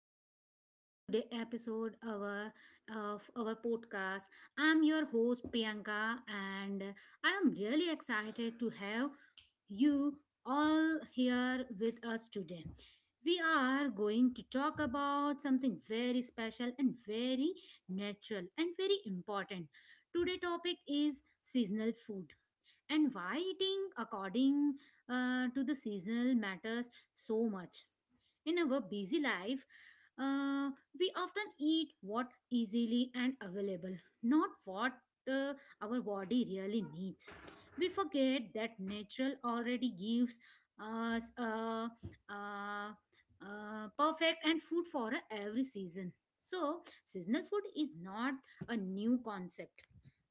welcome back to the episode of our podcast. I'm your host Priyanka and I am really excited to have you all here with us today. We are going to talk about something very special and very natural and very important. Today topic is seasonal food and why eating according to the seasonal matters so much in our busy life. uh, we often eat what easily and available, not what uh, our body really needs. We forget that nature already gives us a, a perfect and food for every season. So, seasonal food is not a new concept.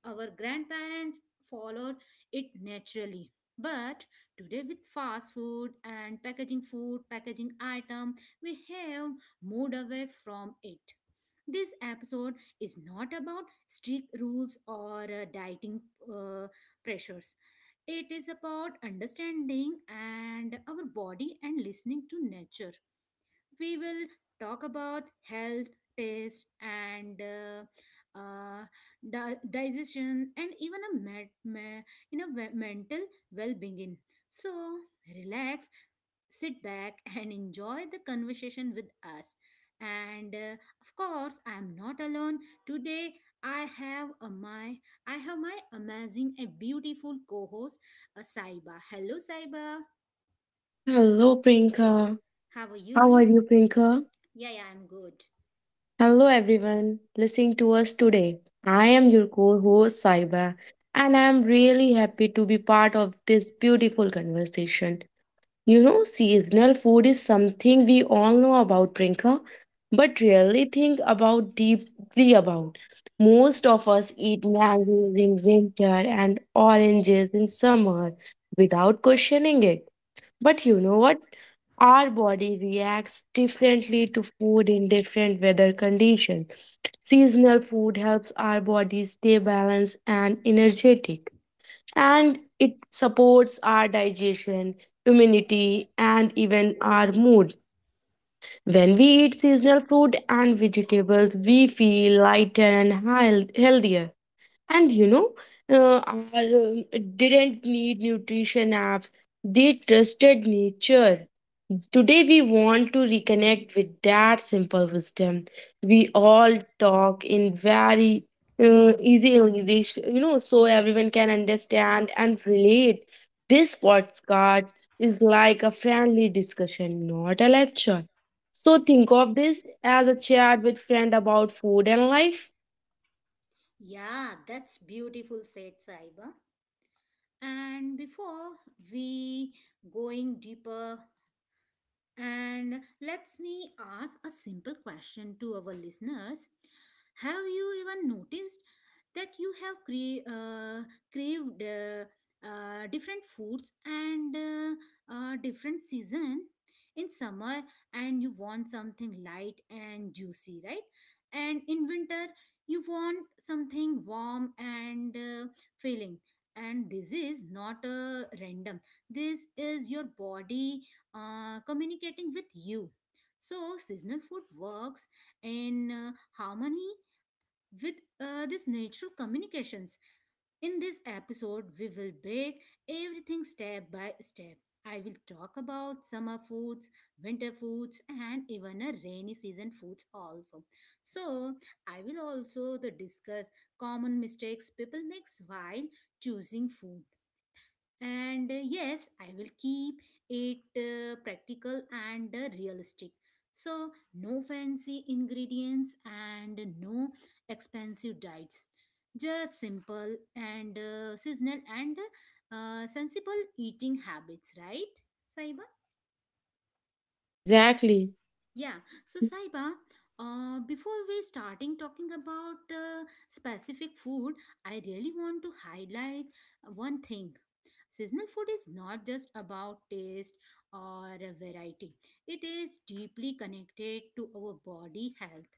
Our grandparents followed it naturally, but today, with fast food and packaging food, packaging item, we have moved away from it. This episode is not about strict rules or dieting uh, pressures. It is about understanding and our body and listening to nature. We will talk about health, taste, and uh, di- digestion and even a me- mental well-being. So relax, sit back and enjoy the conversation with us. And of course I am not alone today. I have a my I have my amazing and beautiful co-host, Saiba. Hello, Saiba. Hello, Prinka. How are How are you? you, Prinka? Yeah, yeah, I'm good. Hello, everyone listening to us today. I am your co host, Saiba, and I am really happy to be part of this beautiful conversation. You know, seasonal food is something we all know about, Prinka, but rarely think about deeply about. Most of us eat mangoes in winter and oranges in summer without questioning it. But you know what? Our body reacts differently to food in different weather conditions. Seasonal food helps our body stay balanced and energetic, and it supports our digestion, immunity, and even our mood. When we eat seasonal fruit and vegetables, we feel lighter and healthier. And you know, uh, I didn't need nutrition apps, they trusted nature. Today, we want to reconnect with that simple wisdom. We all talk in very easy English, you know, so everyone can understand and relate. This podcast is like a friendly discussion, not a lecture. So, think of this as a chat with friend about food and life. Yeah, that's beautiful, said Saiba. And before we going deeper, and let me ask a simple question to our listeners. Have you even noticed that you have craved different foods and different season? In summer, and you want something light and juicy, right? And in winter, you want something warm and filling. And this is not random. This is your body communicating with you. So, seasonal food works in harmony with this natural communications. In this episode, we will break everything step by step. I will talk about summer foods, winter foods, and even a rainy season foods also. So, I will also the discuss common mistakes people makes while choosing food. And yes, I will keep it practical and realistic. So no fancy ingredients and no expensive diets, just simple and seasonal and sensible eating habits, right, Saiba? Yeah, exactly. Yeah. So, Saiba, before we starting talking about specific food, I really want to highlight one thing. Seasonal food is not just about taste or variety. It is deeply connected to our body health.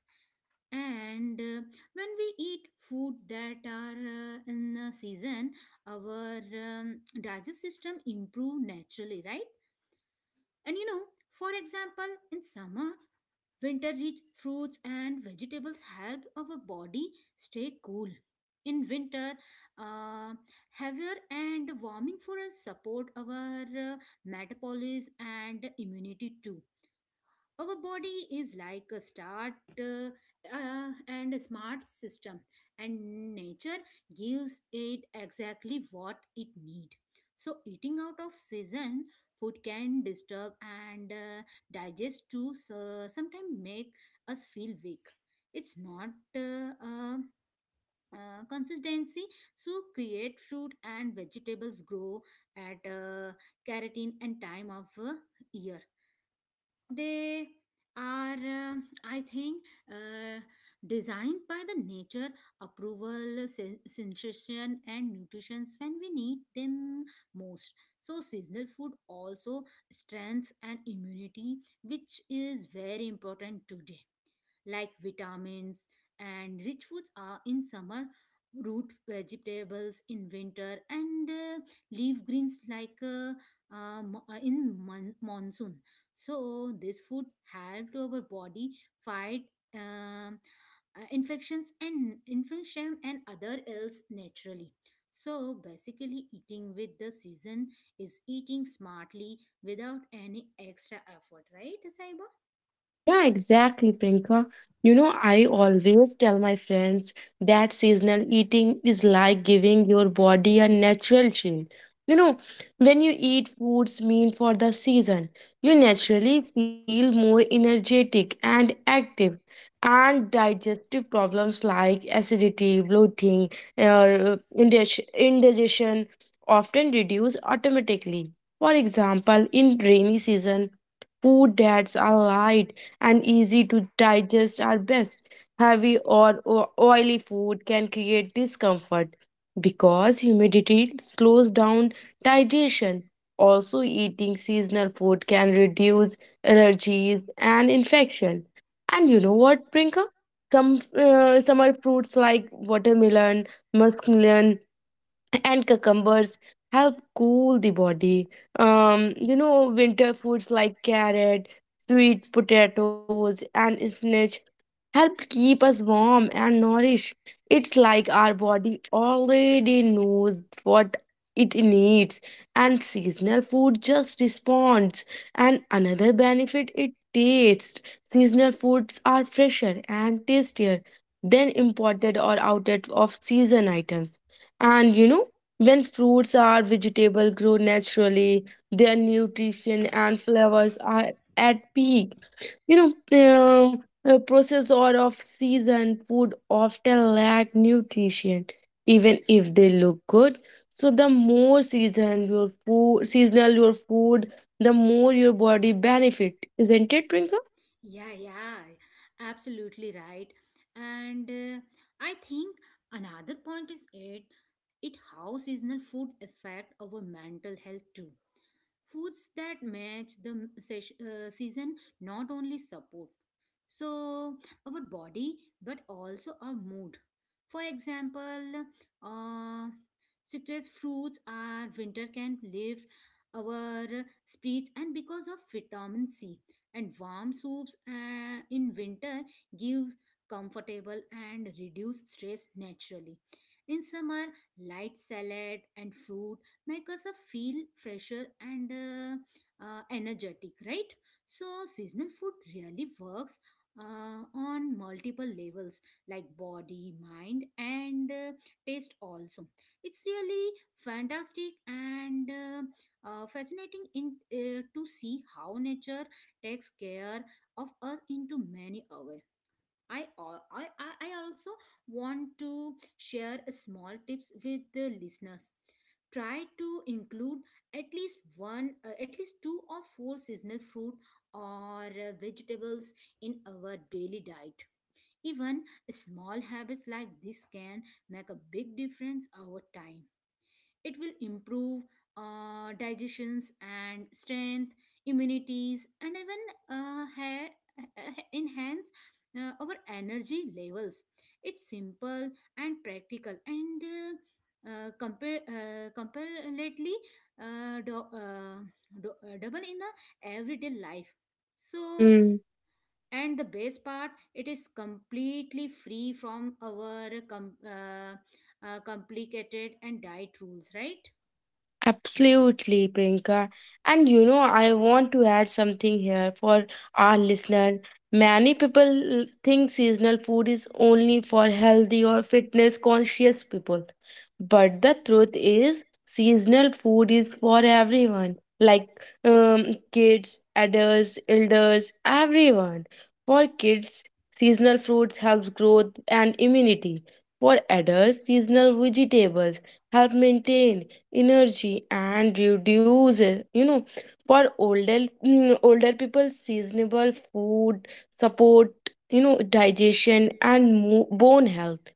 And when we eat food that are in season, our digestive system improve naturally, right? And you know, for example, in summer, winter rich fruits and vegetables help our body stay cool. In winter, uh, heavier and warming for us support our metabolism and immunity too. Our body is like a start, uh, and a smart system, and nature gives it exactly what it need. So eating out of season food can disturb and digest too, so sometimes make us feel weak. It's not consistency. So create fruit and vegetables grow at keratin and time of year. They are I think uh, designed by the nature approval sensation and nutritions when we need them most. So seasonal food also strengths and immunity, which is very important today, like vitamins and rich foods are in summer, root vegetables in winter, and leaf greens like in monsoon. So this food help to our body fight um, infections and infection and other ills naturally. So basically eating with the season is eating smartly without any extra effort, right, Saiba? Yeah, exactly, Priyanka. You know, I always tell my friends that seasonal eating is like giving your body a natural shield. You know, when you eat foods mean for the season, you naturally feel more energetic and active. And digestive problems like acidity, bloating, or indigestion often reduce automatically. For example, in rainy season, food that's alive and easy to digest are best. Heavy or oily food can create discomfort because humidity slows down digestion. Also, eating seasonal food can reduce allergies and infection. And you know what, Prinka? Some summer fruits like watermelon, muskmelon, and cucumbers help cool the body. You know, winter foods like carrot, sweet potatoes, and spinach help keep us warm and nourished. It's like our body already knows what it needs, and seasonal food just responds. And another benefit it tastes. Seasonal foods are fresher and tastier than imported or of season items. And you know, when fruits or vegetable grow naturally, their nutrition and flavors are at peak, you know. um, Processed or of season food often lack nutrition, even if they look good. So the more seasonal your food, the more your body benefit, isn't it, Twinkle? Yeah, yeah, absolutely right. And I think another point is it how seasonal food affect our mental health too. Foods that match the season not only support so our body but also our mood. For example, uh, citrus fruits are winter can lift our spirits and because of vitamin C, and warm soups in winter gives comfortable and reduce stress naturally. In summer, light salad and fruit make us feel fresher and energetic, right? So seasonal food really works on multiple levels, like body, mind, and taste also. It's really fantastic and fascinating in to see how nature takes care of us into many hours. I, al- I also want to share a small tips with the listeners. Try to include at least one, at least two or four seasonal fruit or vegetables in our daily diet. Even small habits like this can make a big difference over time. It will improve digestions and strength, immunities, and even hair, enhance our energy levels. It's simple and practical, and compare comparatively uh, do, uh, double in the everyday life. So, Hmm. and the best part, it is completely free from our complicated and diet rules, right? Absolutely, Priyanka. And you know, I want to add something here for our listener. Many people think seasonal food is only for healthy or fitness conscious people. But the truth is, seasonal food is for everyone, like kids, adults, elders, everyone. For kids, seasonal fruits helps growth and immunity. For adults, seasonal vegetables help maintain energy and reduces, you know. For older, older people, seasonable food support, you know, digestion and bone health.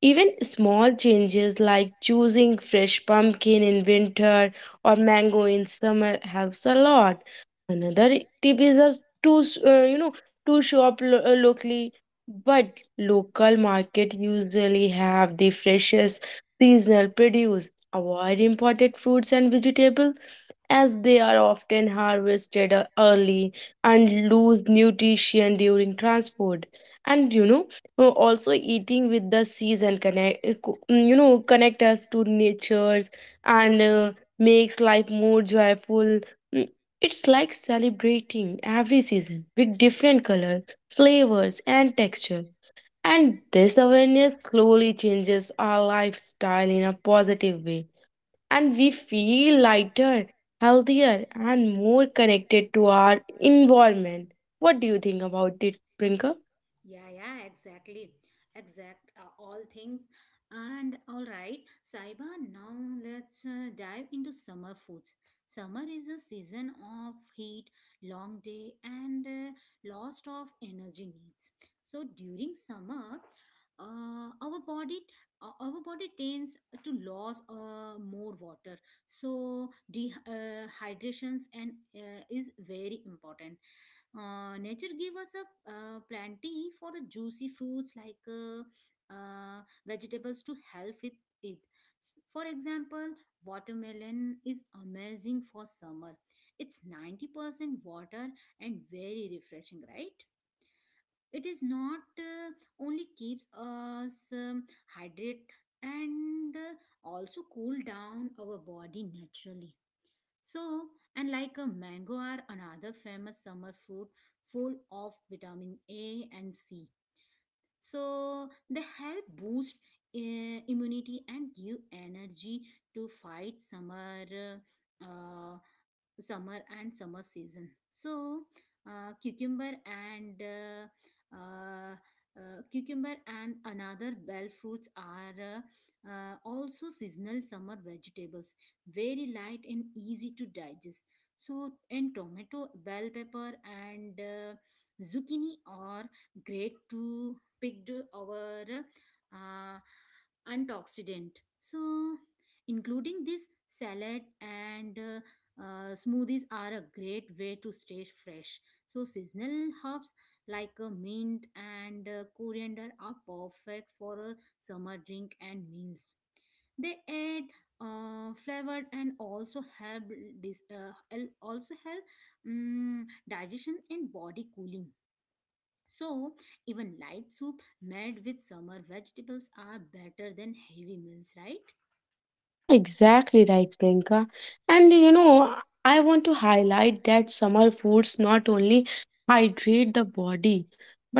Even small changes like choosing fresh pumpkin in winter or mango in summer helps a lot. Another tip is to, you know, to shop locally, but local market usually have the freshest seasonal produce. Avoid imported fruits and vegetables as they are often harvested early and lose nutrition during transport. And you know, also eating with the season connect, you know, connect us to nature's, and makes life more joyful. Mm, it's like celebrating every season with different colors, flavors, and texture. And this awareness slowly changes our lifestyle in a positive way and we feel lighter, healthier, and more connected to our environment. What do you think about it, Prinka? Yeah, yeah, exactly. All things. And all right, Saiba, now let's dive into summer foods. Summer is a season of heat, long day, and lost of energy needs. So during summer, uh, our body our body tends to lose more water, so dehydrations and is very important. Uh, nature gave us a plenty for a juicy fruits like vegetables to help with it. For example, watermelon is amazing for summer. It's 90% water and very refreshing, right? It is not only keeps us hydrated and also cool down our body naturally. So, and like a mango are another famous summer fruit, full of vitamin A and C. So, they help boost immunity and give energy to fight summer, uh, summer and summer season. So, uh, cucumber and uh, uh, cucumber and another bell fruits are also seasonal summer vegetables, very light and easy to digest. So, and tomato, bell pepper, and zucchini are great to pick our antioxidant. So, including this salad and smoothies are a great way to stay fresh. So, seasonal herbs like mint and coriander are perfect for a summer drink and meals. They add flavored and also help also help digestion and body cooling. So, even light soup made with summer vegetables are better than heavy meals, right? Yeah, exactly right, Priyanka. And you know, I want to highlight that summer foods not only hydrate the body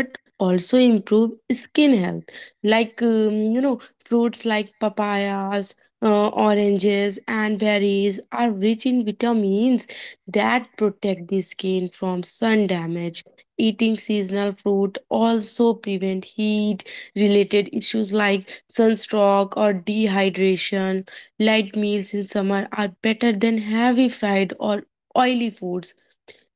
but also improve skin health. Like, you know, fruits like papayas, oranges, and berries are rich in vitamins that protect the skin from sun damage. Eating seasonal fruit also prevent heat related issues like sunstroke or dehydration. Light meals in summer are better than heavy fried or oily foods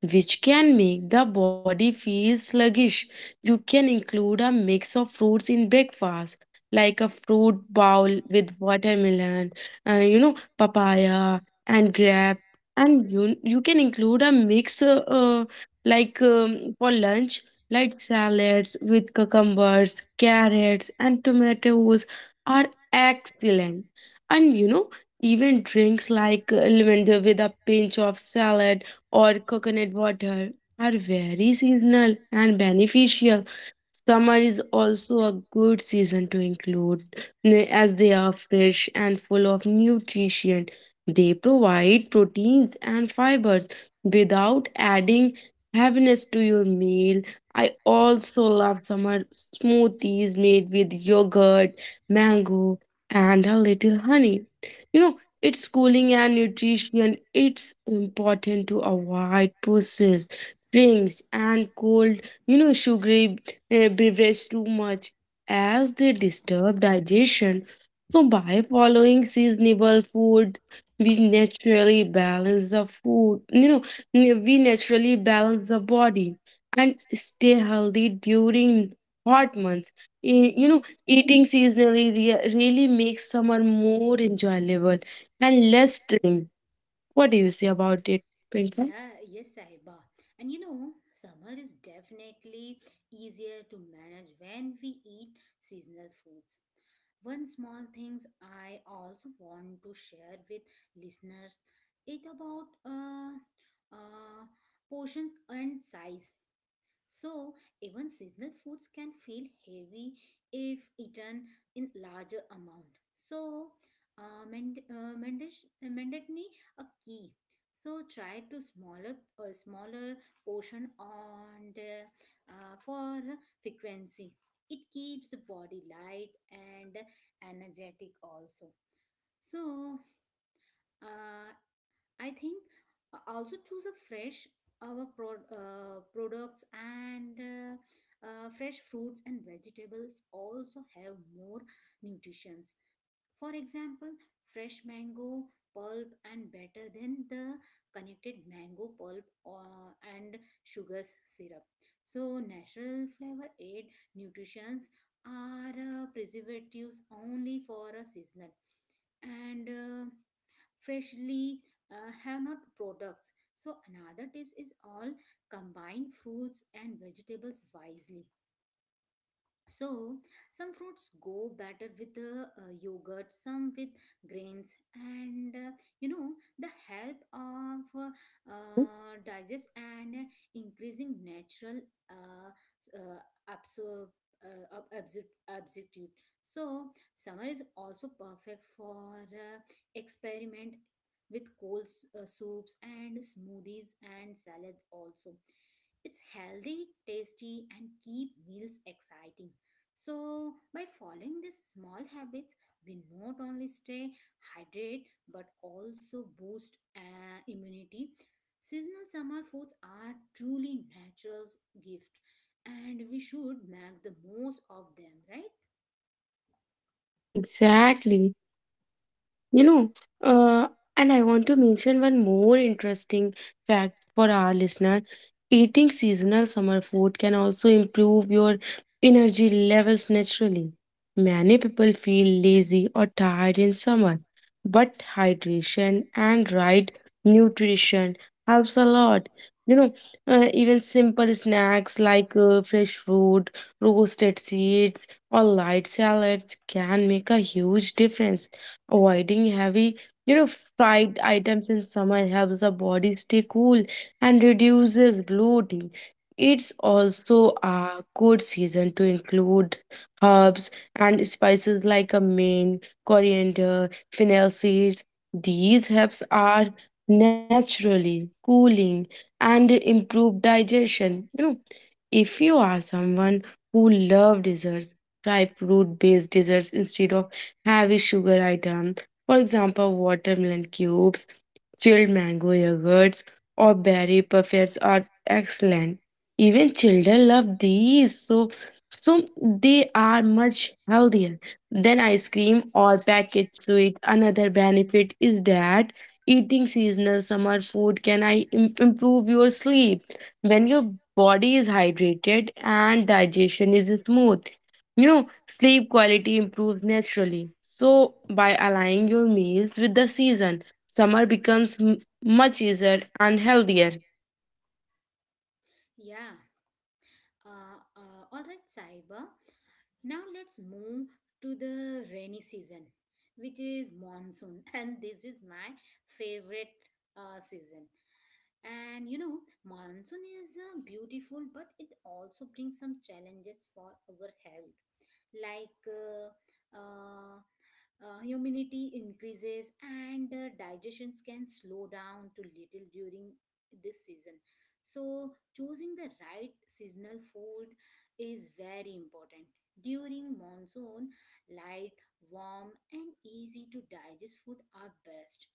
which can make the body feel sluggish. You can include a mix of fruits in breakfast, like a fruit bowl with watermelon, you know, papaya and grape. And you can include a mix, like, for lunch, light salads with cucumbers, carrots, and tomatoes are excellent. And you know, even drinks like lavender with a pinch of salad or coconut water are very seasonal and beneficial. Summer is also a good season to include as they are fresh and full of nutrition. They provide proteins and fibers without adding heaviness to your meal. I also love summer smoothies made with yogurt, mango, and a little honey. You know, it's schooling and nutrition. It's important to avoid processed drinks and cold, you know, sugary, beverages too much as they disturb digestion. So, by following seasonable food, we naturally balance the food, you know, we naturally balance the body and stay healthy during hot months. Eh, you know, really makes summer more enjoyable and less clean. What do you say about it, Pinker? Yeah, yes, Sahiba. And you know, summer is definitely easier to manage when we eat seasonal foods. One small things I also want to share with listeners, it about uh, portions and size. So, even seasonal foods can feel heavy if eaten in larger amount. So, mendacity a key. So try to smaller smaller portion and for frequency. It keeps the body light and energetic also. So, uh, I think also choose a fresh our products. And fresh fruits and vegetables also have more nutritions. For example, fresh mango pulp and better than the connected mango pulp, and sugar syrup. So natural flavor aid nutritions are preservatives only for a seasonal and freshly have not products. So another tips is all combine fruits and vegetables wisely. So, some fruits go better with the yogurt, some with grains, and you know, the help of digest and increasing natural uh, s- uh, absorb. Absorptive. So, summer is also perfect for experiment with cold soups and smoothies and salads. Also, it's healthy, tasty, and keep meals exciting. So, by following these small habits, we not only stay hydrated but also boost immunity. Seasonal summer foods are truly natural gift, and we should make the most of them, right? Exactly. You know, uh, and I want to mention one more interesting fact for our listener. Eating seasonal summer food can also improve your energy levels naturally. Many people feel lazy or tired in summer, but hydration and right nutrition helps a lot. You know, even simple snacks like fresh fruit, roasted seeds, or light salads can make a huge difference. Avoiding heavy, you know, fried items in summer helps the body stay cool and reduces bloating. It's also a good season to include herbs and spices like a mint, coriander, fennel seeds. These herbs are naturally cooling and improve digestion. You know, if you are someone who love desserts, try fruit-based desserts instead of heavy sugar item, for example watermelon cubes, chilled mango yogurts or berry puffers are excellent. Even children love these, so they are much healthier than ice cream or packaged sweet. Another benefit is that eating seasonal summer food can improve your sleep when your body is hydrated and digestion is smooth. You know, sleep quality improves naturally. So by aligning your meals with the season, summer becomes much easier and healthier. Yeah. All right, Saiba. Now let's move to the rainy season, which is monsoon, and this is my favorite season. And you know, monsoon is beautiful, but it also brings some challenges for our health, like uh, humidity increases and digestions can slow down to little during this season. So, choosing the right seasonal food is very important. During monsoon, light, warm, and easy to digest food are best.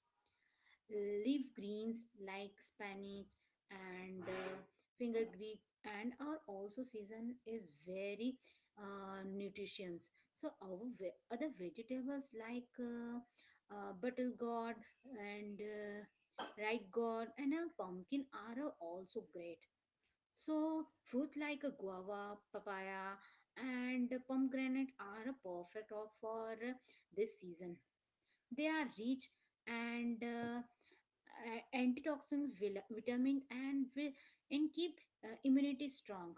Leaf greens like spinach and finger greek and our also season is very nutritious. So our other vegetables like butter gourd and right gourd and a pumpkin are also great. So fruits like a guava, papaya, and pomegranate are perfect for this season. They are rich and antioxidants, vitamin, and keep immunity strong.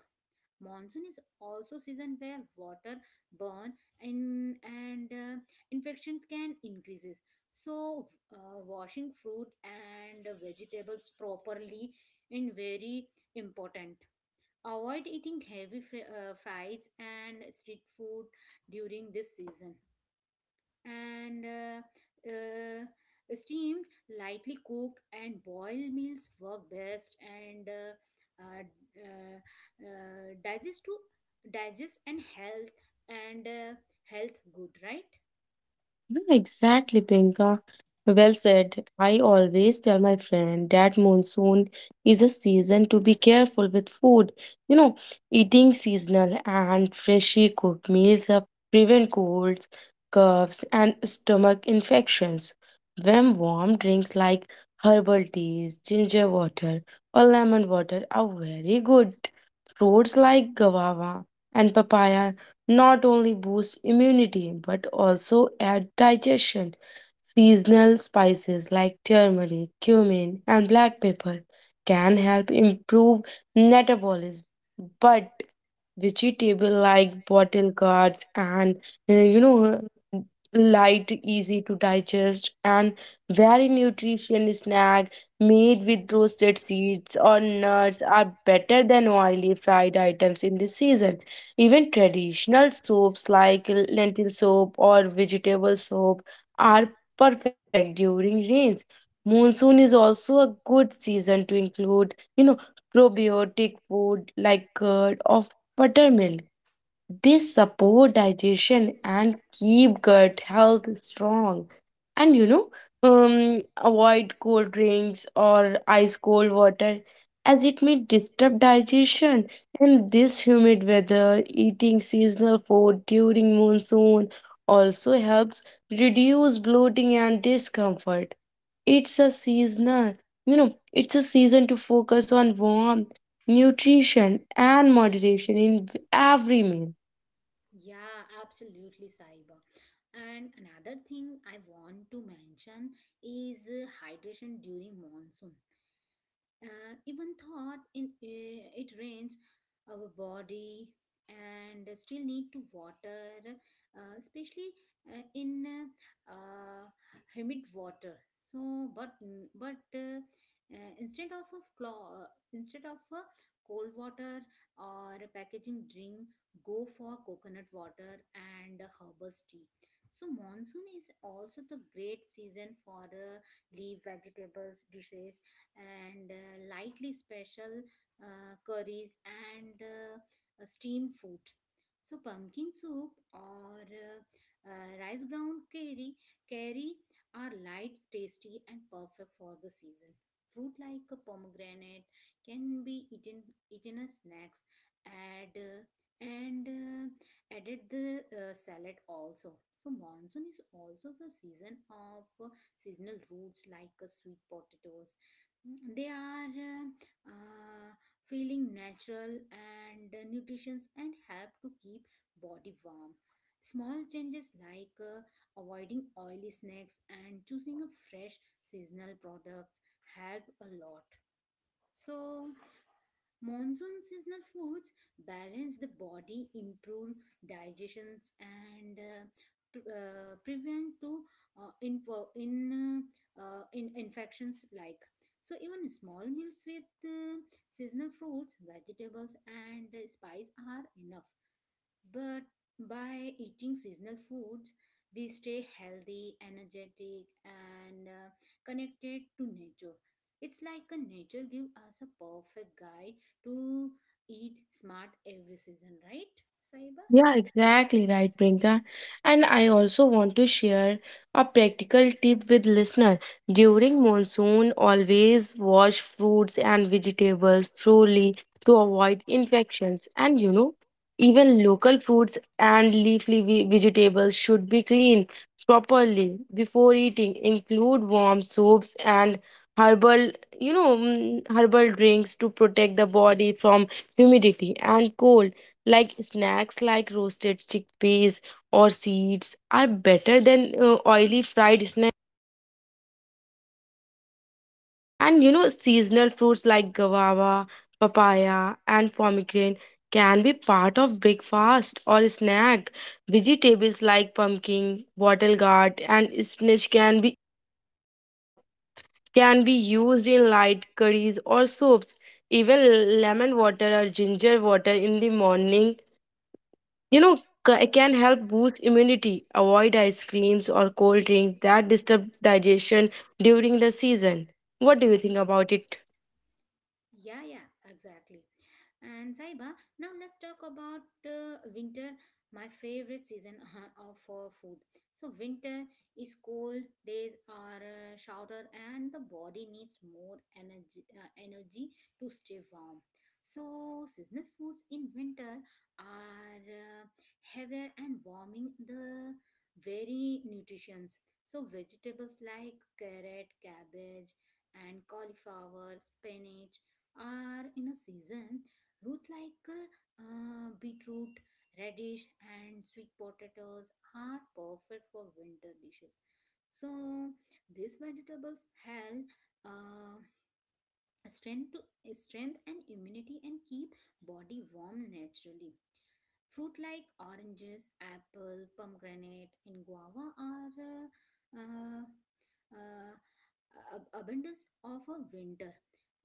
Monsoon is also season where water burn and infection can increases. So washing fruit and vegetables properly is very important. Avoid eating heavy fries and street food during this season, and steamed, lightly cooked, and boiled meals work best and uh, uh, digest to digest and health and health good, right? Yeah, exactly, Priyanka. Well said. I always tell my friend that monsoon is a season to be careful with food. You know, eating seasonal and freshly cooked meals help prevent colds, coughs, and stomach infections. When warm drinks like herbal teas, ginger water, or lemon water are very good. Fruits like guava and papaya not only boost immunity but also aid digestion. Seasonal spices like turmeric, cumin, and black pepper can help improve metabolism, but vegetable like bottle gourds and, you know, uh, light easy to digest and very nutritious snack made with roasted seeds or nuts are better than oily fried items in this season. Even traditional soaps like lentil soap or vegetable soap are perfect during rains. Monsoon is also a good season to include, you know, probiotic food like curd or buttermilk. This support digestion and keep gut health strong. And you know, avoid cold drinks or ice cold water as it may disturb digestion. In this humid weather, eating seasonal food during monsoon also helps reduce bloating and discomfort. It's a seasonal, you know, it's a season to focus on warmth, nutrition, and moderation in every meal. Yeah, absolutely, Saiba. And another thing I want to mention is hydration during monsoon. Even thought in it rains our body and still need to water, especially in uh, uh, humid water. So but but instead of a instead of a cold water or a packaging drink, go for coconut water and herbal tea. So monsoon is also the great season for leaf vegetables dishes and lightly special curries and steamed food. So pumpkin soup or rice ground curry, curry are light, tasty, and perfect for the season. Fruit like a pomegranate can be eaten as snacks. Add uh, Added the salad also. So monsoon is also the season of seasonal roots like sweet potatoes. They are uh, feeling natural and nutritious and help to keep body warm. Small changes like avoiding oily snacks and choosing a fresh seasonal products help a lot. So monsoon seasonal foods balance the body, improve digestions, and prevent to uh, in in, in infections like. So even small meals with seasonal fruits, vegetables, and spice are enough. But by eating seasonal foods, we stay healthy, energetic, and connected to nature. It's like a nature give us a perfect guide to eat smart every season, right, Saiba? Yeah, exactly right, Priyanka. And I also want to share a practical tip with listener. During monsoon, always wash fruits and vegetables thoroughly to avoid infections. And you know, even local fruits and leafy vegetables should be cleaned properly before eating. Include warm soaps and herbal, you know, herbal drinks to protect the body from humidity and cold, like snacks like roasted chickpeas or seeds are better than oily fried snacks. And you know, seasonal fruits like guava, papaya and pomegranate can be part of breakfast or snack. Vegetables like pumpkin, wattle gourd and spinach pop- can be used in light curries or soups. Even lemon water or ginger water in the morning, you know, it can help boost immunity. Avoid ice creams or cold drinks that disturb digestion during the season. What do you think about it? Yeah, yeah, exactly. And Saiba, now let's talk about winter, my favorite season of for food. So winter is cold, days are shorter, and the body needs more energy, energy to stay warm. So seasonal foods in winter are heavier and warming the very nutritions. So vegetables like carrot, cabbage, and cauliflower, spinach are in a season. Root like beetroot, radish, and sweet potatoes are perfect for winter dishes. So these vegetables help. Uh, Strength to strength and immunity and keep body warm naturally. Fruit like oranges, apple, pomegranate, and guava are uh, uh, abundance of a winter.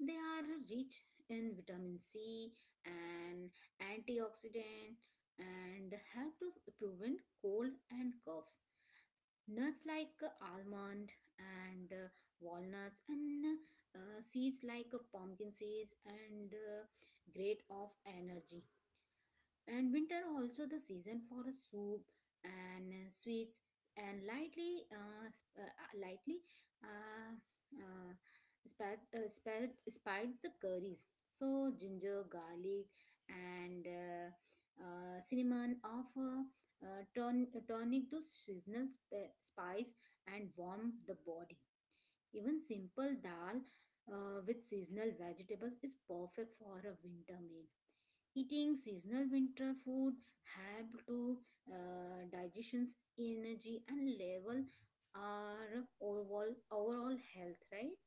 They are rich in vitamin C and antioxidant and help to prevent cold and coughs. Nuts like almond and walnuts and seeds like a pumpkin seeds and great of energy. And winter also the season for a soup and sweets and lightly lightly uh, uh, spreads the curries. So ginger, garlic, and cinnamon of tonic to seasonal spice and warm the body. Even simple dal with seasonal vegetables is perfect for a winter meal. Eating seasonal winter food help to digestion's energy and level our overall health, right?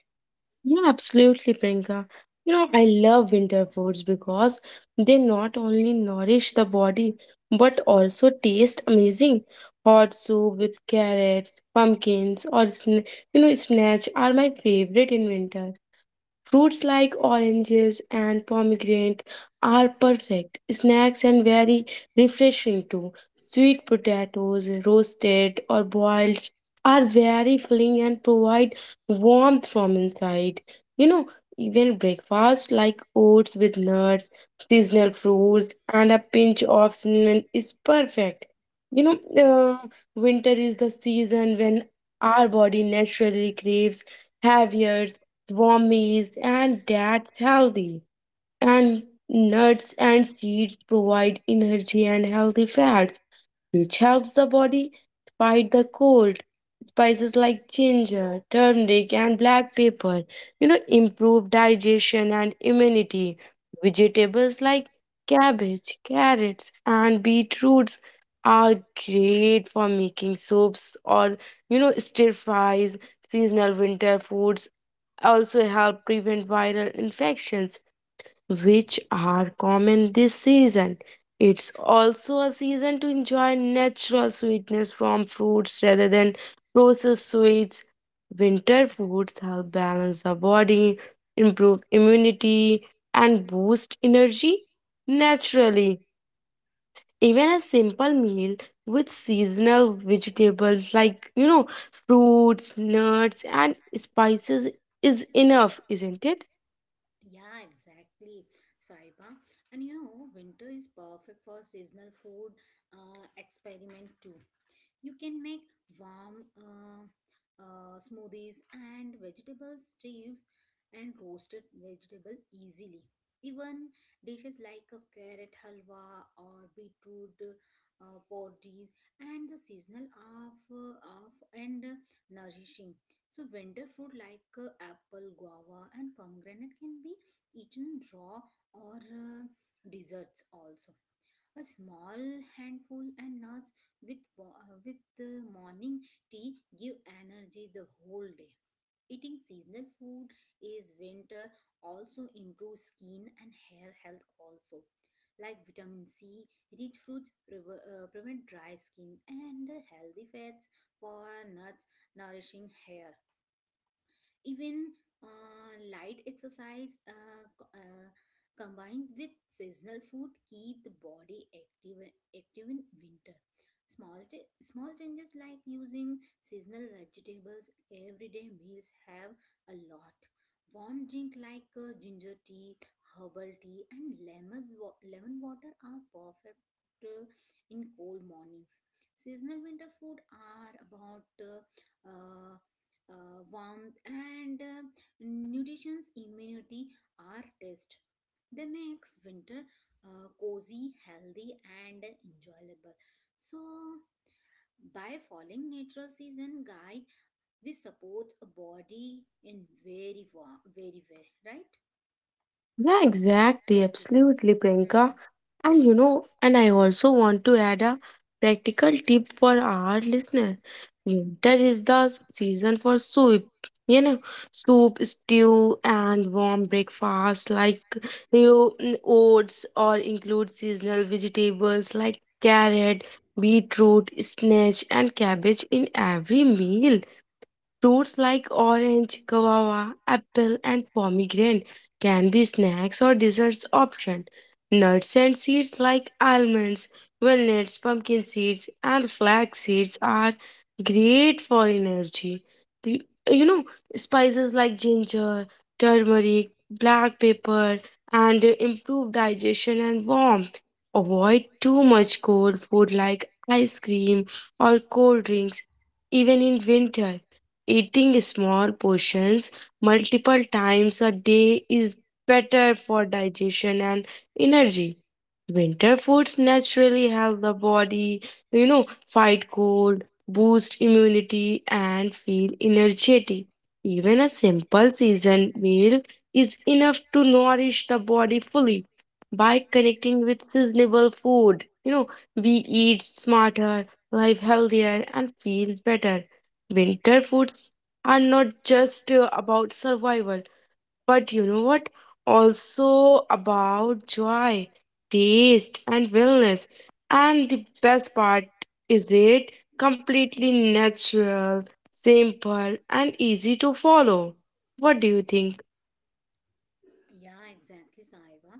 Yeah, absolutely, Priyanka. You know, I love winter foods because they not only nourish the body but also taste amazing. Hot soup with carrots, pumpkins, or you know, spinach are my favorite in winter. Fruits like oranges and pomegranates are perfect snacks and very refreshing too. Sweet potatoes, roasted or boiled, are very filling and provide warmth from inside. You know, even breakfast like oats with nuts, seasonal fruits, and a pinch of cinnamon is perfect. You know, uh, Winter is the season when our body naturally craves heavier warm, and that's healthy. And nuts and seeds provide energy and healthy fats which helps the body fight the cold. Spices like ginger, turmeric, and black pepper, improve digestion and immunity. Vegetables like cabbage, carrots, and beetroots are great for making soups or, stir fries. Seasonal winter foods also help prevent viral infections, which are common this season. It's also a season to enjoy natural sweetness from fruits rather than processed sweets. Winter foods help balance the body, improve immunity, and boost energy naturally. Even a simple meal with seasonal vegetables like, fruits, nuts, and spices is enough, isn't it? Yeah, exactly, Saiba. And you know, winter is perfect for seasonal food experiment too. You can make warm smoothies and vegetable stews and roasted vegetable easily. Even dishes like a carrot halwa or beetroot porridge and the seasonal of and nourishing. So winter fruit like apple, guava, and pomegranate can be eaten raw or desserts also. A small handful and nuts with with the morning tea give energy the whole day. Eating seasonal food is winter also improves skin and hair health also, like vitamin C rich fruits prevent dry skin and healthy fats for nuts nourishing hair. Even light exercise combined with seasonal food keep the body active, active in winter. Small changes like using seasonal vegetables everyday meals have a lot. Warm drink like ginger tea, herbal tea, and lemon water are perfect uh, in cold mornings. Seasonal winter food are about uh, uh, warmth and nutrition's immunity are test. They makes winter cozy, healthy, and enjoyable. So, by following natural season guide, we support a body in very warm, very way, right? Yeah, exactly. Every way. Absolutely, Hmm. Priyanka. And you know, and I also want to add a practical tip for our listener. Winter is the season for soup, you know, soup, stew, and warm breakfast like, oats, or include seasonal vegetables like carrot, beetroot, spinach, and cabbage in every meal. Fruits like orange, guava, apple, and pomegranate can be snacks or desserts option. Nuts and seeds like almonds, walnuts, pumpkin seeds, and flax seeds are great for energy. The- You know, spices like ginger, turmeric, black pepper, and improve digestion and warmth. Avoid too much cold food like ice cream or cold drinks, even in winter. Eating small portions multiple times a day is better for digestion and energy. Winter foods naturally help the body, fight cold, boost immunity, and feel energetic. Even a simple season meal is enough to nourish the body fully. By connecting with seasonable food, we eat smarter, live healthier, and feel better. Winter foods are not just about survival, but you know what? Also about joy, taste, and wellness. And the best part is it completely natural, simple, and easy to follow. What do you think? Yeah, exactly, Saiba.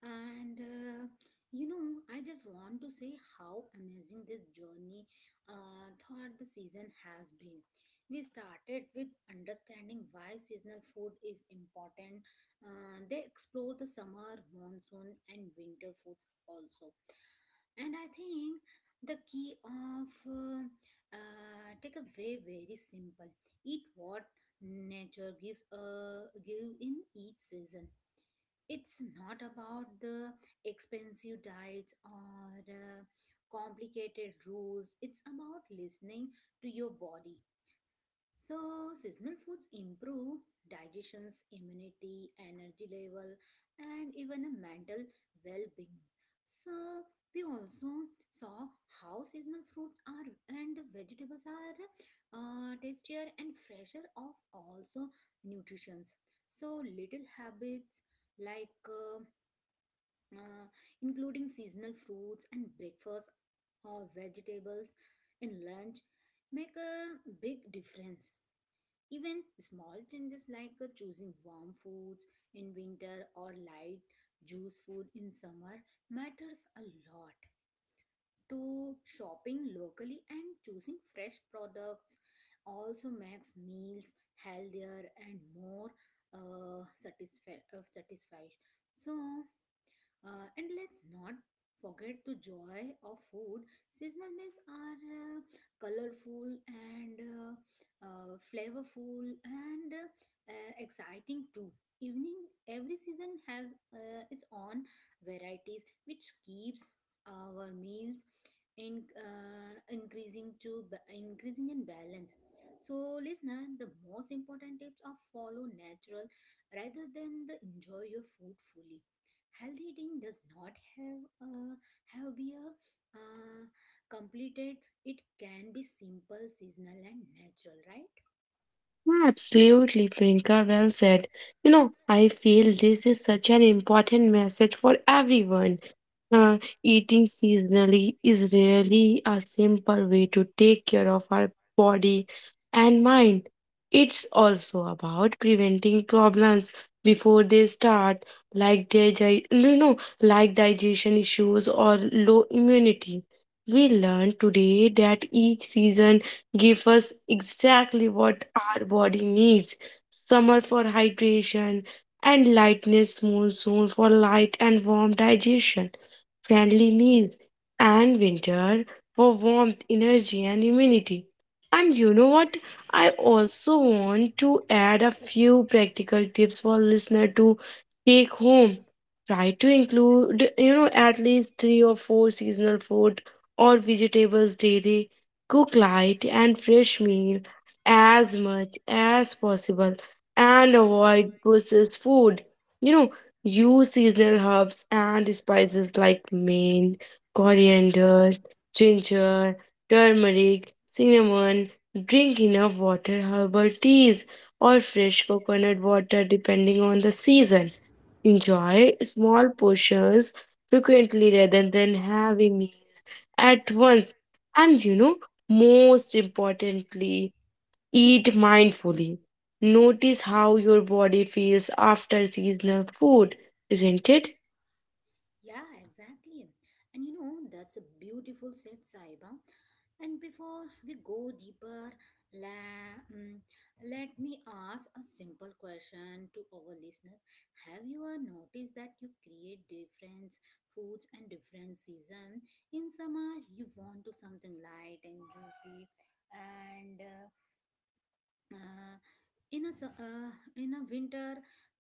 And you know, I just want to say how amazing this journey throughout the season has been. We started with understanding why seasonal food is important. They explore the summer, monsoon, and winter foods also. And I think the key of take away very simple. Eat what nature gives give in each season. It's not about the expensive diets or complicated rules. It's about listening to your body. So seasonal foods improve digestions, immunity, energy level, and even a mental well-being. So we also saw how seasonal fruits are and vegetables are tastier and fresher of also nutrients. So little habits like uh, including seasonal fruits and breakfast or vegetables in lunch, make a big difference. Even small changes like choosing warm foods in winter or light juice food in summer matters a lot. To shopping locally and choosing fresh products also makes meals healthier and more satisfied. So and let's not forget the joy of food. Seasonal meals are colorful and flavorful and exciting too. Evening, every season has its own varieties, which keeps our meals in increasing in balance. So, listener, the most important tips are follow natural rather than the enjoy your food fully. Healthy eating does not have have be a uh, completed. It can be simple, seasonal, and natural, right? Absolutely, Priyanka, well said. You know, I feel this is such an important message for everyone. Uh, Eating seasonally is really a simple way to take care of our body and mind. It's also about preventing problems before they start, like digestion issues or low immunity. We learned today that each season gives us exactly what our body needs. Summer for hydration and lightness, monsoon for light and warm digestion friendly meals, and winter for warmth, energy, and immunity. And you know what? I also want to add a few practical tips for listener to take home. Try to include, at least three or four seasonal fruit or vegetables daily. Cook light and fresh meal as much as possible and avoid processed food. You know, use seasonal herbs and spices like mint, coriander, ginger, turmeric, cinnamon. Drink enough water, herbal teas, or fresh coconut water depending on the season. Enjoy small portions frequently rather than heavy meal at once. And you know, most importantly, eat mindfully. Notice how your body feels after seasonal food, isn't it? Yeah, exactly. And you know, that's a beautiful set, Saiba. And before we go deeper, la, mm, let me ask a simple question to our listeners. Have you ever noticed that you create different foods and different season? In summer, you want to something light and juicy, and uh, in a su- in a winter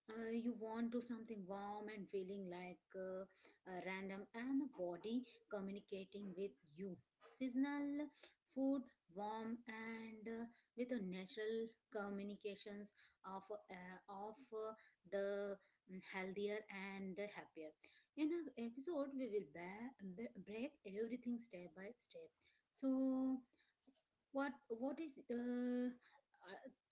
you want to something warm and feeling like random and the body communicating with you seasonal food warm and with a natural communications of uh, of uh, the healthier and happier in an episode we will break everything step by step. So what is uh,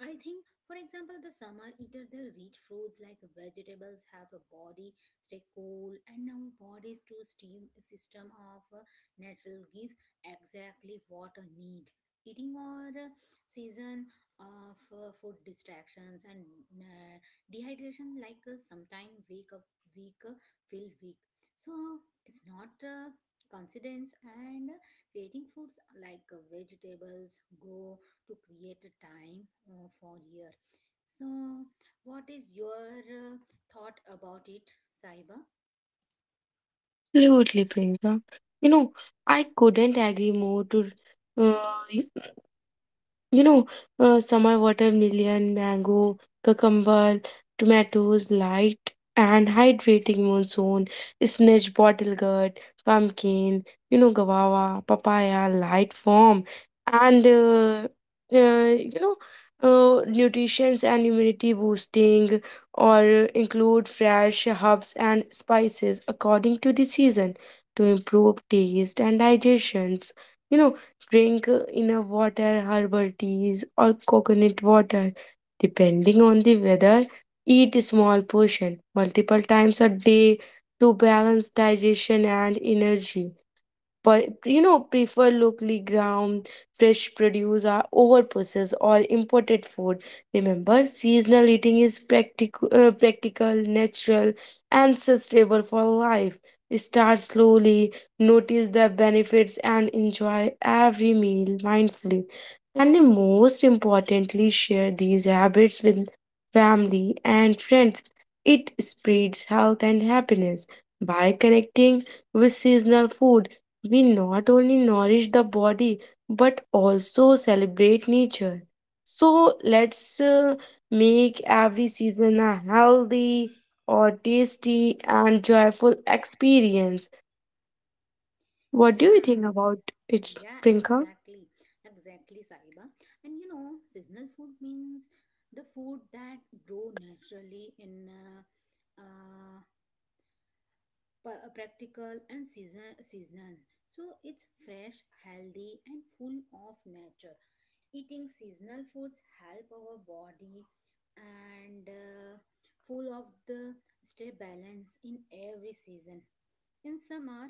i I think, for example, the summer eater, they rich fruits like vegetables have a body stay cool and our bodies to steam system of natural gives exactly what a need. Eating or season of food distractions and uh, dehydration, like sometime wake up weak, feel weak. So it's not coincidence. And creating foods like vegetables grow to create a time for year. So, what is your thought about it, Saiba? Absolutely, Priyanka. You know, I couldn't agree more to uh, you know, summer watermelon, mango, cucumber, tomatoes, light and hydrating monsoon, spinach, bottle gourd, pumpkin, guava, papaya, light form, and uh, you know, nutrition and immunity boosting, or include fresh herbs and spices according to the season to improve taste and digestions. You know, drink enough water, herbal teas, or coconut water. Depending on the weather, eat small portion multiple times a day to balance digestion and energy. But you know, prefer locally ground fresh produce are over processed or imported food. Remember, seasonal eating is practical, natural, and sustainable for life. Start slowly, notice the benefits, and enjoy every meal mindfully. And the most importantly, share these habits with family and friends. It spreads health and happiness. By connecting with seasonal food, we not only nourish the body, but also celebrate nature. So let's make every season a healthy or tasty and joyful experience. What do you Yeah, think about it, yeah, Prinka? exactly. Exactly, Saiba. And you know, seasonal food means the food that grow naturally in uh, practical and season seasonal. So it's fresh, healthy, and full of nature. Eating seasonal foods help our body and full of the stay balance in every season. In summer,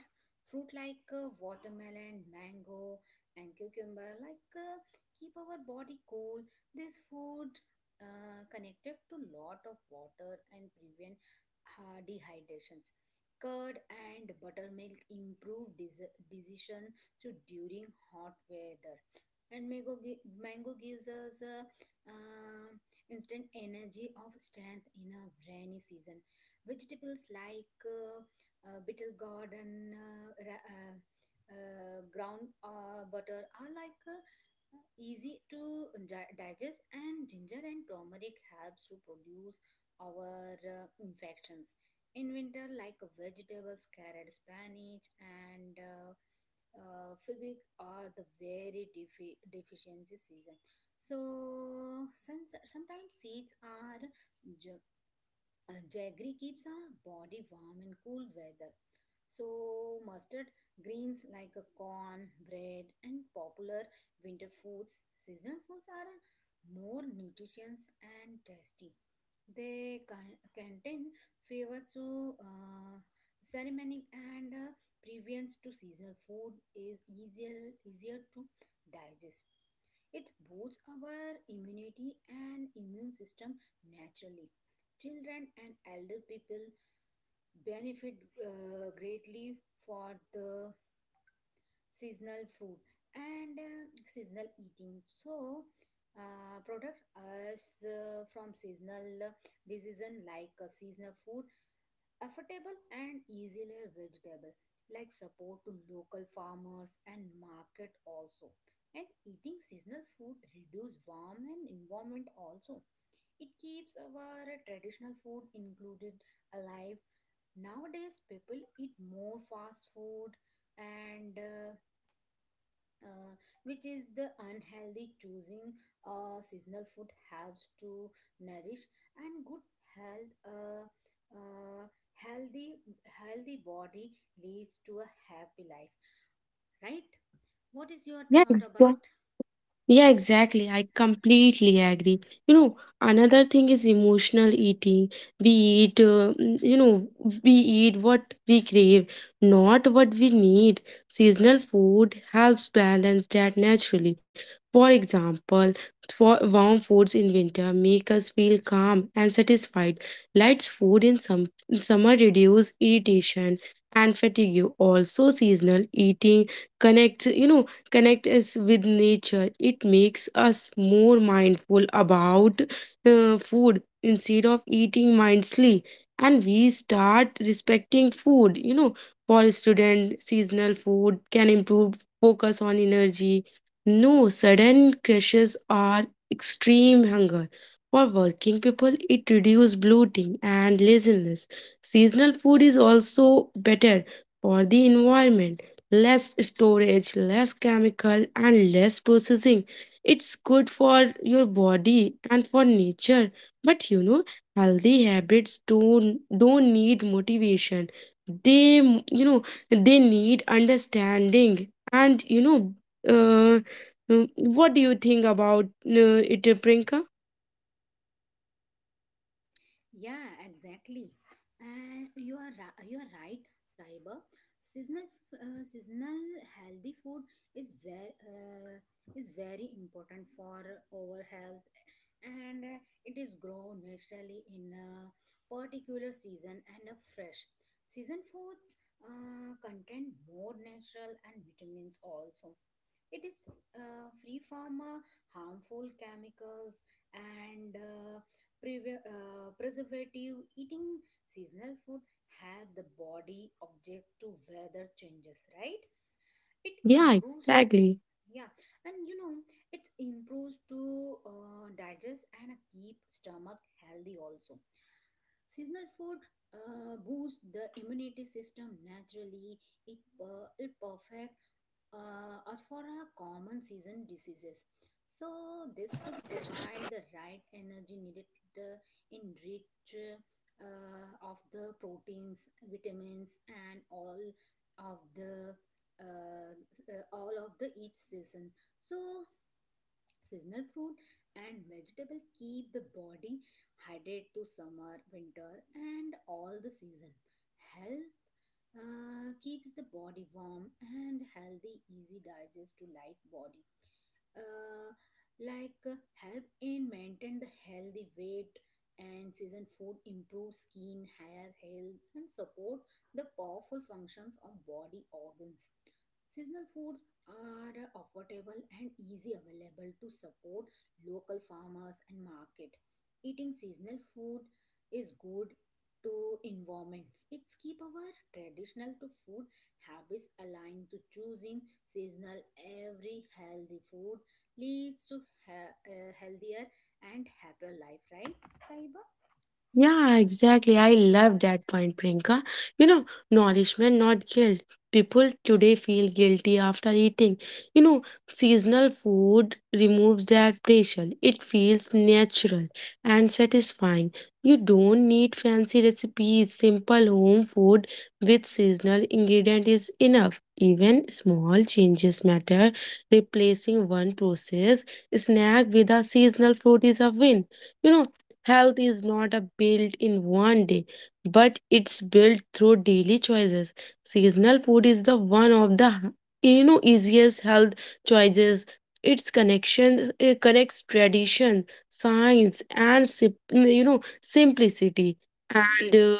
fruit like watermelon, mango, and cucumber like keep our body cool. This food connected to lot of water and prevent dehydrations. Curd and buttermilk improve decision so during hot weather. And mango gives us uh, instant energy of strength in a rainy season. Vegetables like bitter gourd and ground butter are like easy to digest, and ginger and turmeric helps to produce our infections. In winter, like vegetables carrot, spinach, and figric are the very deficiency season. So since sometimes seeds are jaggery keeps our body warm in cool weather. So, mustard greens like a corn, bread, and popular winter foods, seasonal foods are more nutritious and tasty. They contain flavors to ceremonic and prevents to seasonal food is easier to digest. It boosts our immunity and immune system naturally. Children and elder people benefit greatly for the seasonal fruit and seasonal eating. So, product us from seasonal diseases like seasonal food affordable and easily vegetable like support to local farmers and market also. And eating seasonal food reduce warm and environment also. It keeps our traditional food included alive. Nowadays people eat more fast food and uh, which is the unhealthy choosing seasonal food helps to nourish and good health uh, healthy healthy body leads to a happy life, right? What is your Yeah, thought about? Yeah, exactly. I completely agree. You know, another thing is emotional eating. We eat, we eat what we crave, not what we need. Seasonal food helps balance that naturally. For example, for warm foods in winter make us feel calm and satisfied. Light food in summer reduce irritation and fatigue. Also, seasonal eating connects, you know connect us with nature. It makes us more mindful about food instead of eating mindlessly. And we start respecting food. You know, for student, seasonal food can improve focus on energy. No sudden crashes or extreme hunger. For working people, it reduces bloating and laziness. Seasonal food is also better for the environment, less storage, less chemical, and less processing. It's good for your body and for nature. But you know, healthy habits don't need motivation. They, you know they need understanding. And you know, what do you think about it, Prinka? Yeah, exactly. And you are you are right, cyber. Seasonal healthy food is very uh, is very important for our health and it is grow naturally in a particular season and are fresh. Season foods contain more natural and vitamins also. It is free from harmful chemicals and preservative. Eating seasonal food help the body object to weather changes, right? It Yeah, improves, exactly. yeah, and you know it improves to digest and keep stomach healthy also. Seasonal food boosts the immunity system naturally. It perfect as for our common season diseases, so this food provide the right energy needed, uh, in rich of the proteins, vitamins, and of the uh, all of the each season. So seasonal fruit and vegetable keep the body hydrated to summer winter and all the season, help keeps the body warm and healthy, easy digest to light body, uh, like help in maintain the healthy weight. And season food improve skin hair health and support the powerful functions of body organs. Seasonal foods are affordable and easy available to support local farmers and market. Eating seasonal food is good to environment. It's keep our traditional to food habits aligned to choosing seasonal every healthy food leads to a healthier and happier life, right, saiba? Yeah, exactly. I love that point, Priyanka. You know, nourishment, not guilt. People today feel guilty after eating. You know, seasonal food removes that pressure. It feels natural and satisfying. You don't need fancy recipes. Simple home food with seasonal ingredient is enough. Even small changes matter. Replacing one processed snack with a seasonal fruit is a win. You know, health is not a built in one day, but it's built through daily choices. Seasonal food is the one of the, easiest health choices. Its connection, it connects tradition, science, and simplicity. And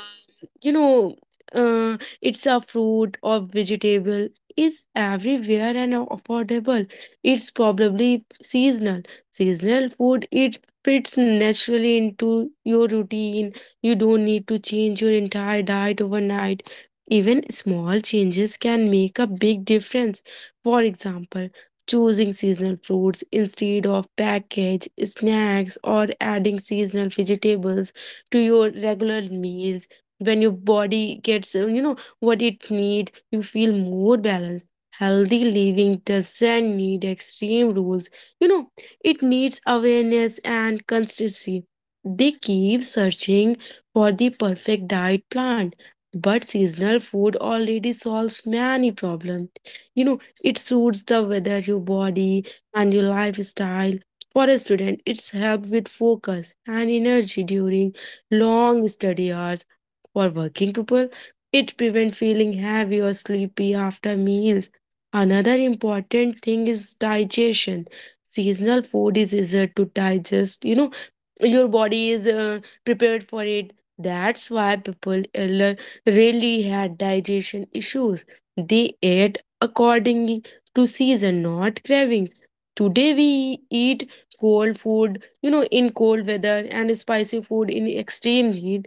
you know it's a fruit or vegetable is everywhere and affordable. It's probably seasonal. Seasonal food it fits naturally into your routine. You don't need to change your entire diet overnight. Even small changes can make a big difference. For example, choosing seasonal fruits instead of packaged snacks or adding seasonal vegetables to your regular meals. When your body gets, what it needs, you feel more balanced. Healthy living doesn't need extreme rules. You know, it needs awareness and consistency. They keep searching for the perfect diet plan, but seasonal food already solves many problems. You know, it suits the weather, your body, and your lifestyle. For a student, it's help with focus and energy during long study hours. For working people, it prevents feeling heavy or sleepy after meals. Another important thing is digestion. Seasonal food is easier to digest. You know, your body is prepared for it. That's why people earlier really had digestion issues. They ate accordingly to season, not cravings. Today we eat cold food, you know, in cold weather, and spicy food in extreme heat.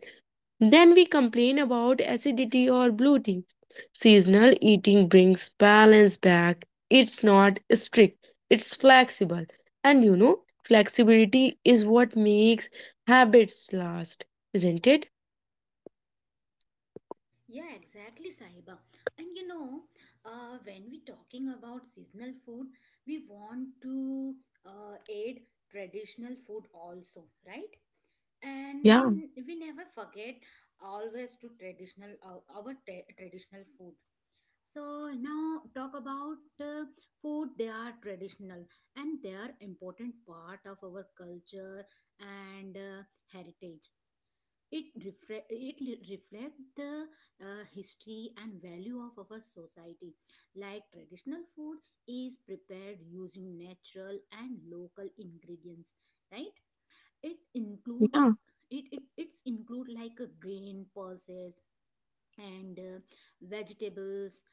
Then we complain about acidity or bloating. Seasonal eating brings balance back. It's not strict, it's flexible. And you know, flexibility is what makes habits last, isn't it? Yeah, exactly, Sahiba. And you know, when we talking about seasonal food, we want to aid traditional food also, right? And we Yeah, n- we never forget always to traditional our traditional food. So now talk about food. They are traditional and they are important part of our culture and heritage. It reflect the history and value of our society. Like traditional food is prepared using natural and local ingredients, right? It include yeah, it's include like a grain pulses and vegetables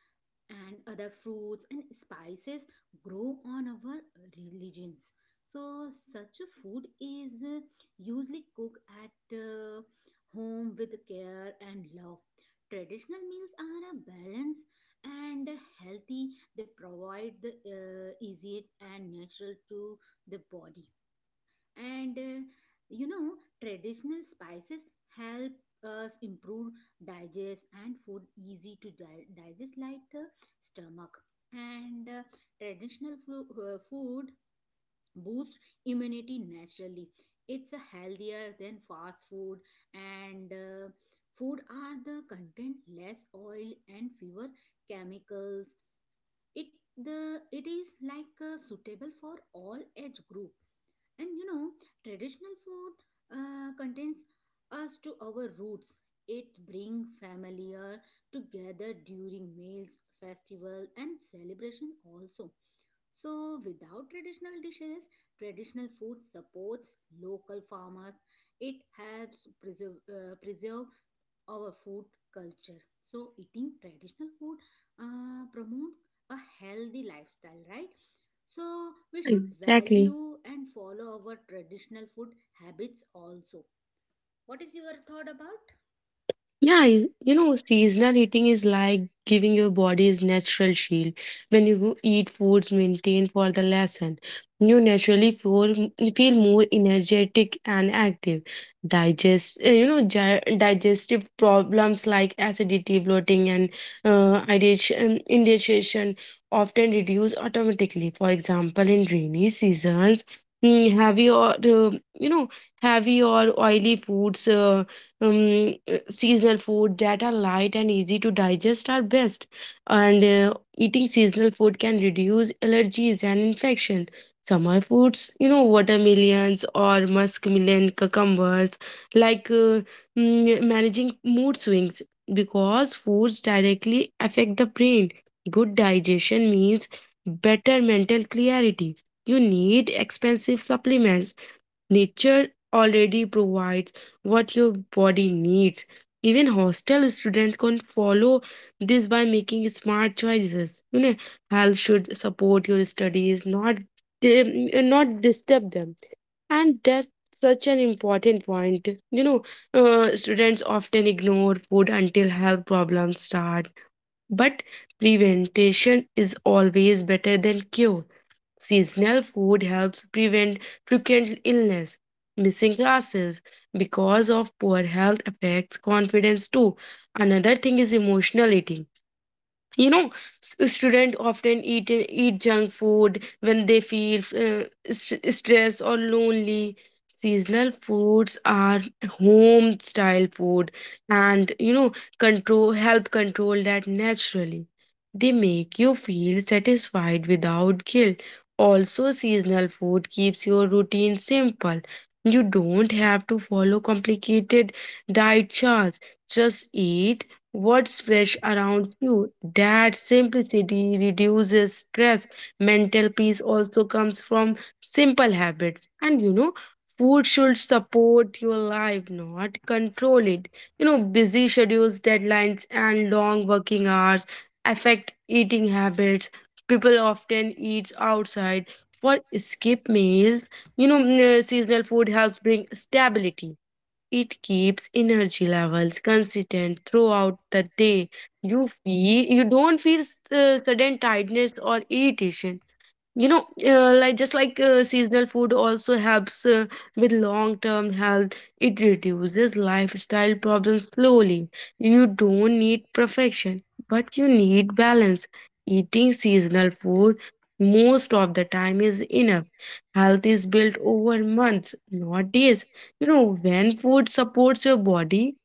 and other fruits and spices grow on our religions. So such a food is usually cooked at home with care and love. Traditional meals are a balance and healthy. They provide the easy and natural to the body. And you know, traditional spices help us improve digest and food easy to digest like stomach. And traditional food boosts immunity naturally. It's healthier than fast food. And food are the content less oil and fewer chemicals. It the it is like suitable for all age group. And you know, traditional food contains us to our roots. It brings familiar together during meals, festival, and celebration also. So, without traditional dishes, traditional food supports local farmers. It helps preserve, preserve our food culture. So, eating traditional food promotes a healthy lifestyle, right? So, we should exactly. value and follow our traditional food habits also. What is your thought about? Seasonal eating is like giving your body its natural shield. When you eat foods maintained for the lesson, you naturally feel more energetic and active. Digestive problems like acidity, bloating, and indigestion often reduce automatically. For example, in rainy seasons, mm, heavy or uh, you know heavy or oily foods. Seasonal food that are light and easy to digest are best. And eating seasonal food can reduce allergies and infection. Summer foods, you know, watermelons or muskmelon cucumbers, like managing mood swings, because foods directly affect the brain. Good digestion means better mental clarity. You need expensive supplements. Nature already provides what your body needs. Even hostel students can follow this by making smart choices. You know, health should support your studies, not not disturb them. And that's such an important point. You know, students often ignore food until health problems start, but prevention is always better than cure. Seasonal food helps prevent frequent illness. Missing classes because of poor health affects confidence too. Another thing is emotional eating. You know, students often eat junk food when they feel stressed or lonely. Seasonal foods are home style food, and you know, control help control that naturally. They make you feel satisfied without guilt. Also, seasonal food keeps your routine simple. You don't have to follow complicated diet charts. Just eat what's fresh around you. That simplicity reduces stress. Mental peace also comes from simple habits. And you know, food should support your life, not control it. You know, busy schedules, deadlines, and long working hours affect eating habits. People often eat outside for skip meals. You know, seasonal food helps bring stability. It keeps energy levels consistent throughout the day. You don't feel sudden tiredness or irritation. You know, like just like seasonal food also helps with long term health. It reduces lifestyle problems slowly. You don't need perfection, but you need balance. Eating seasonal food most of the time is enough. Health is built over months, not days. You know, when food supports your body,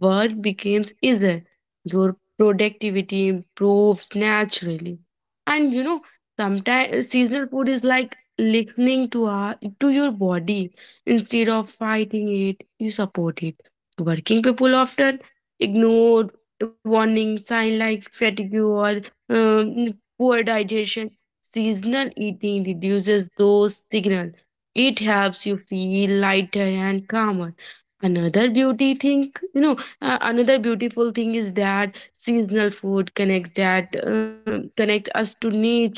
work becomes easier. Your productivity improves naturally. And you know, sometimes seasonal food is like listening to your body instead of fighting it. You support it. Working people often ignore warning sign like fatigue or um, poor digestion. Seasonal eating reduces those signals. It helps you feel lighter and calmer. Another beauty thing, you know, Another beautiful thing is that seasonal food connects us to nature.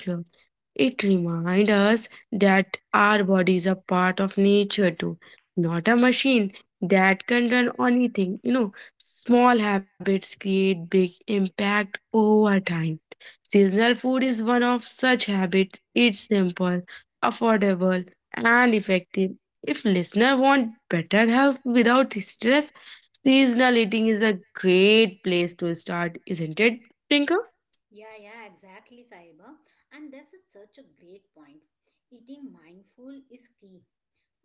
It reminds us that our body is a part of nature too, not a machine that can run on anything. You know, small habits create big impact over time. Seasonal food is one of such habits. It's simple, affordable, and effective. If listener want better health without stress, seasonal eating is a great place to start, isn't it, Trinka? Yeah, yeah, exactly, Saiba. And this is such a great point. Eating mindful is key.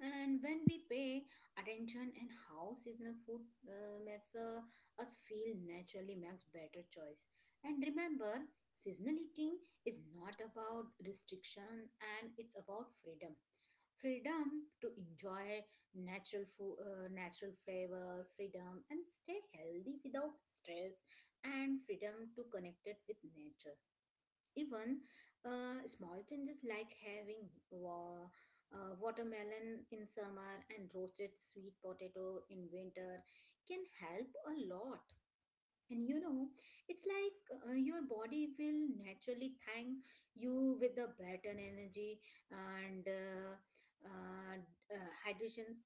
And when we pay attention and how seasonal food makes us feel naturally makes better choice. And remember, seasonal eating is not about restriction and it's about freedom. Freedom to enjoy natural food, natural flavor, freedom and stay healthy without stress, and freedom to connect it with nature. Even small changes like having watermelon in summer and roasted sweet potato in winter can help a lot. And you know, it's like your body will naturally thank you with the better energy and uh, hydration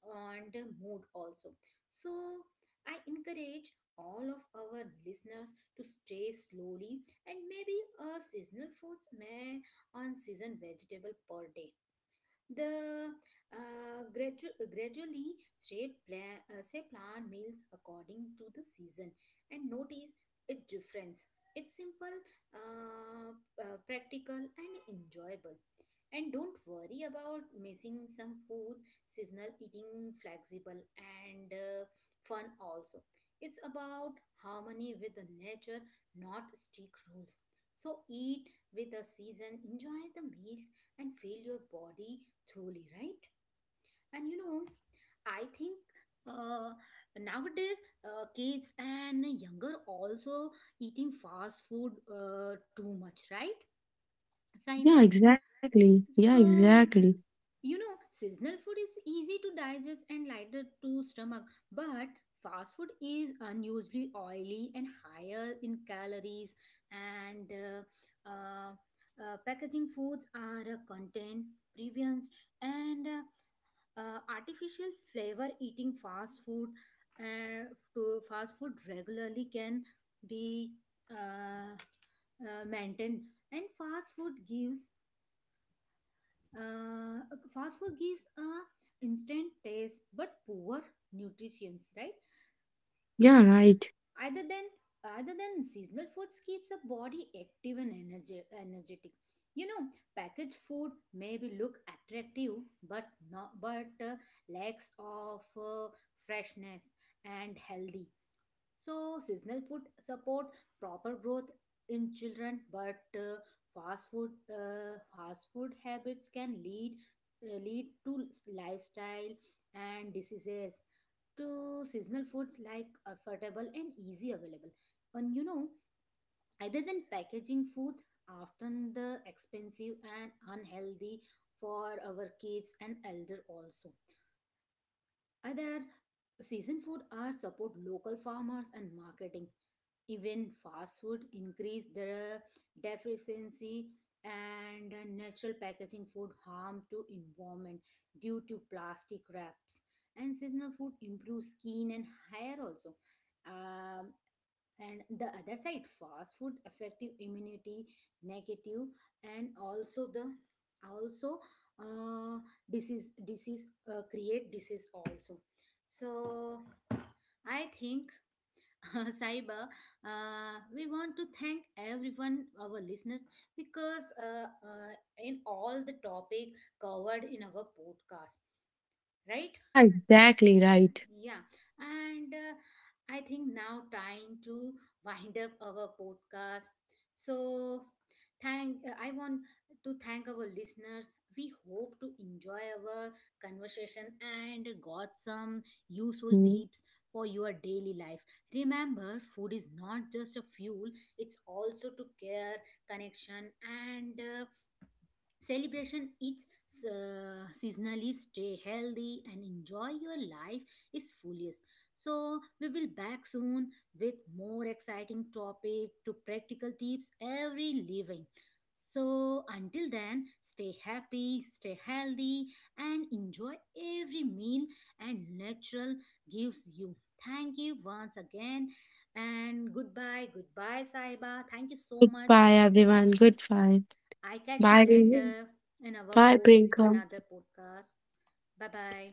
and mood also. So I encourage all of our listeners to stay slowly and maybe a seasonal fruits may on season vegetable per day, the gradually shape plan, say plan meals according to the season and notice its difference. It's simple, uh, practical, and enjoyable. And don't worry about missing some food, seasonal eating, flexible, and fun also. It's about harmony with the nature, not stick rules. So eat with the season, enjoy the meals, and feel your body truly, right? And you know, I think uh, nowadays kids and younger also eating fast food too much, right, Saiba? Yeah, exactly. Yeah, So exactly. you know, seasonal food is easy to digest and lighter to stomach, but fast food is unusually oily and higher in calories. And packaging foods are contain previous and artificial flavor. Eating fast food uh, to fast food regularly can be uh, maintained. And uh, fast food gives a instant taste but poor nutrition, right? Yeah, right. Other than other than seasonal foods keeps a body active and energetic. You know, packaged food maybe look attractive, but not but lacks of freshness and healthy. So, seasonal food support proper growth in children, but fast food habits can lead to lifestyle and diseases. To seasonal foods like affordable and easy available, and you know, other than packaging food, often the expensive and unhealthy for our kids and elder also. Other season food are support local farmers and marketing. Even fast food increase their deficiency and natural packaging food harm to environment due to plastic wraps. And seasonal food improves skin and hair also. Um, and the other side fast food effective immunity negative and also the also uh, disease create disease also. So I think, Saiba, we want to thank everyone, our listeners, because in all the topic covered in our podcast, right? Yeah, exactly right. Yeah, and I think now time to wind up our podcast. So, thank I want to thank our listeners. We hope to enjoy our conversation and got some useful Hmm. tips for your daily life. Remember, food is not just a fuel; it's also to care, connection, and celebration is seasonally stay healthy and enjoy your life is fullest. So we will back soon with more exciting topic to practical tips every living. So until then, stay happy, stay healthy, and enjoy every meal and natural gives you. Thank you once again and goodbye. Goodbye, saiba, thank you so much. Goodbye, everyone. Goodbye. I catch you Bye. later in our Bye, pod, Prinka. another podcast. Bye bye.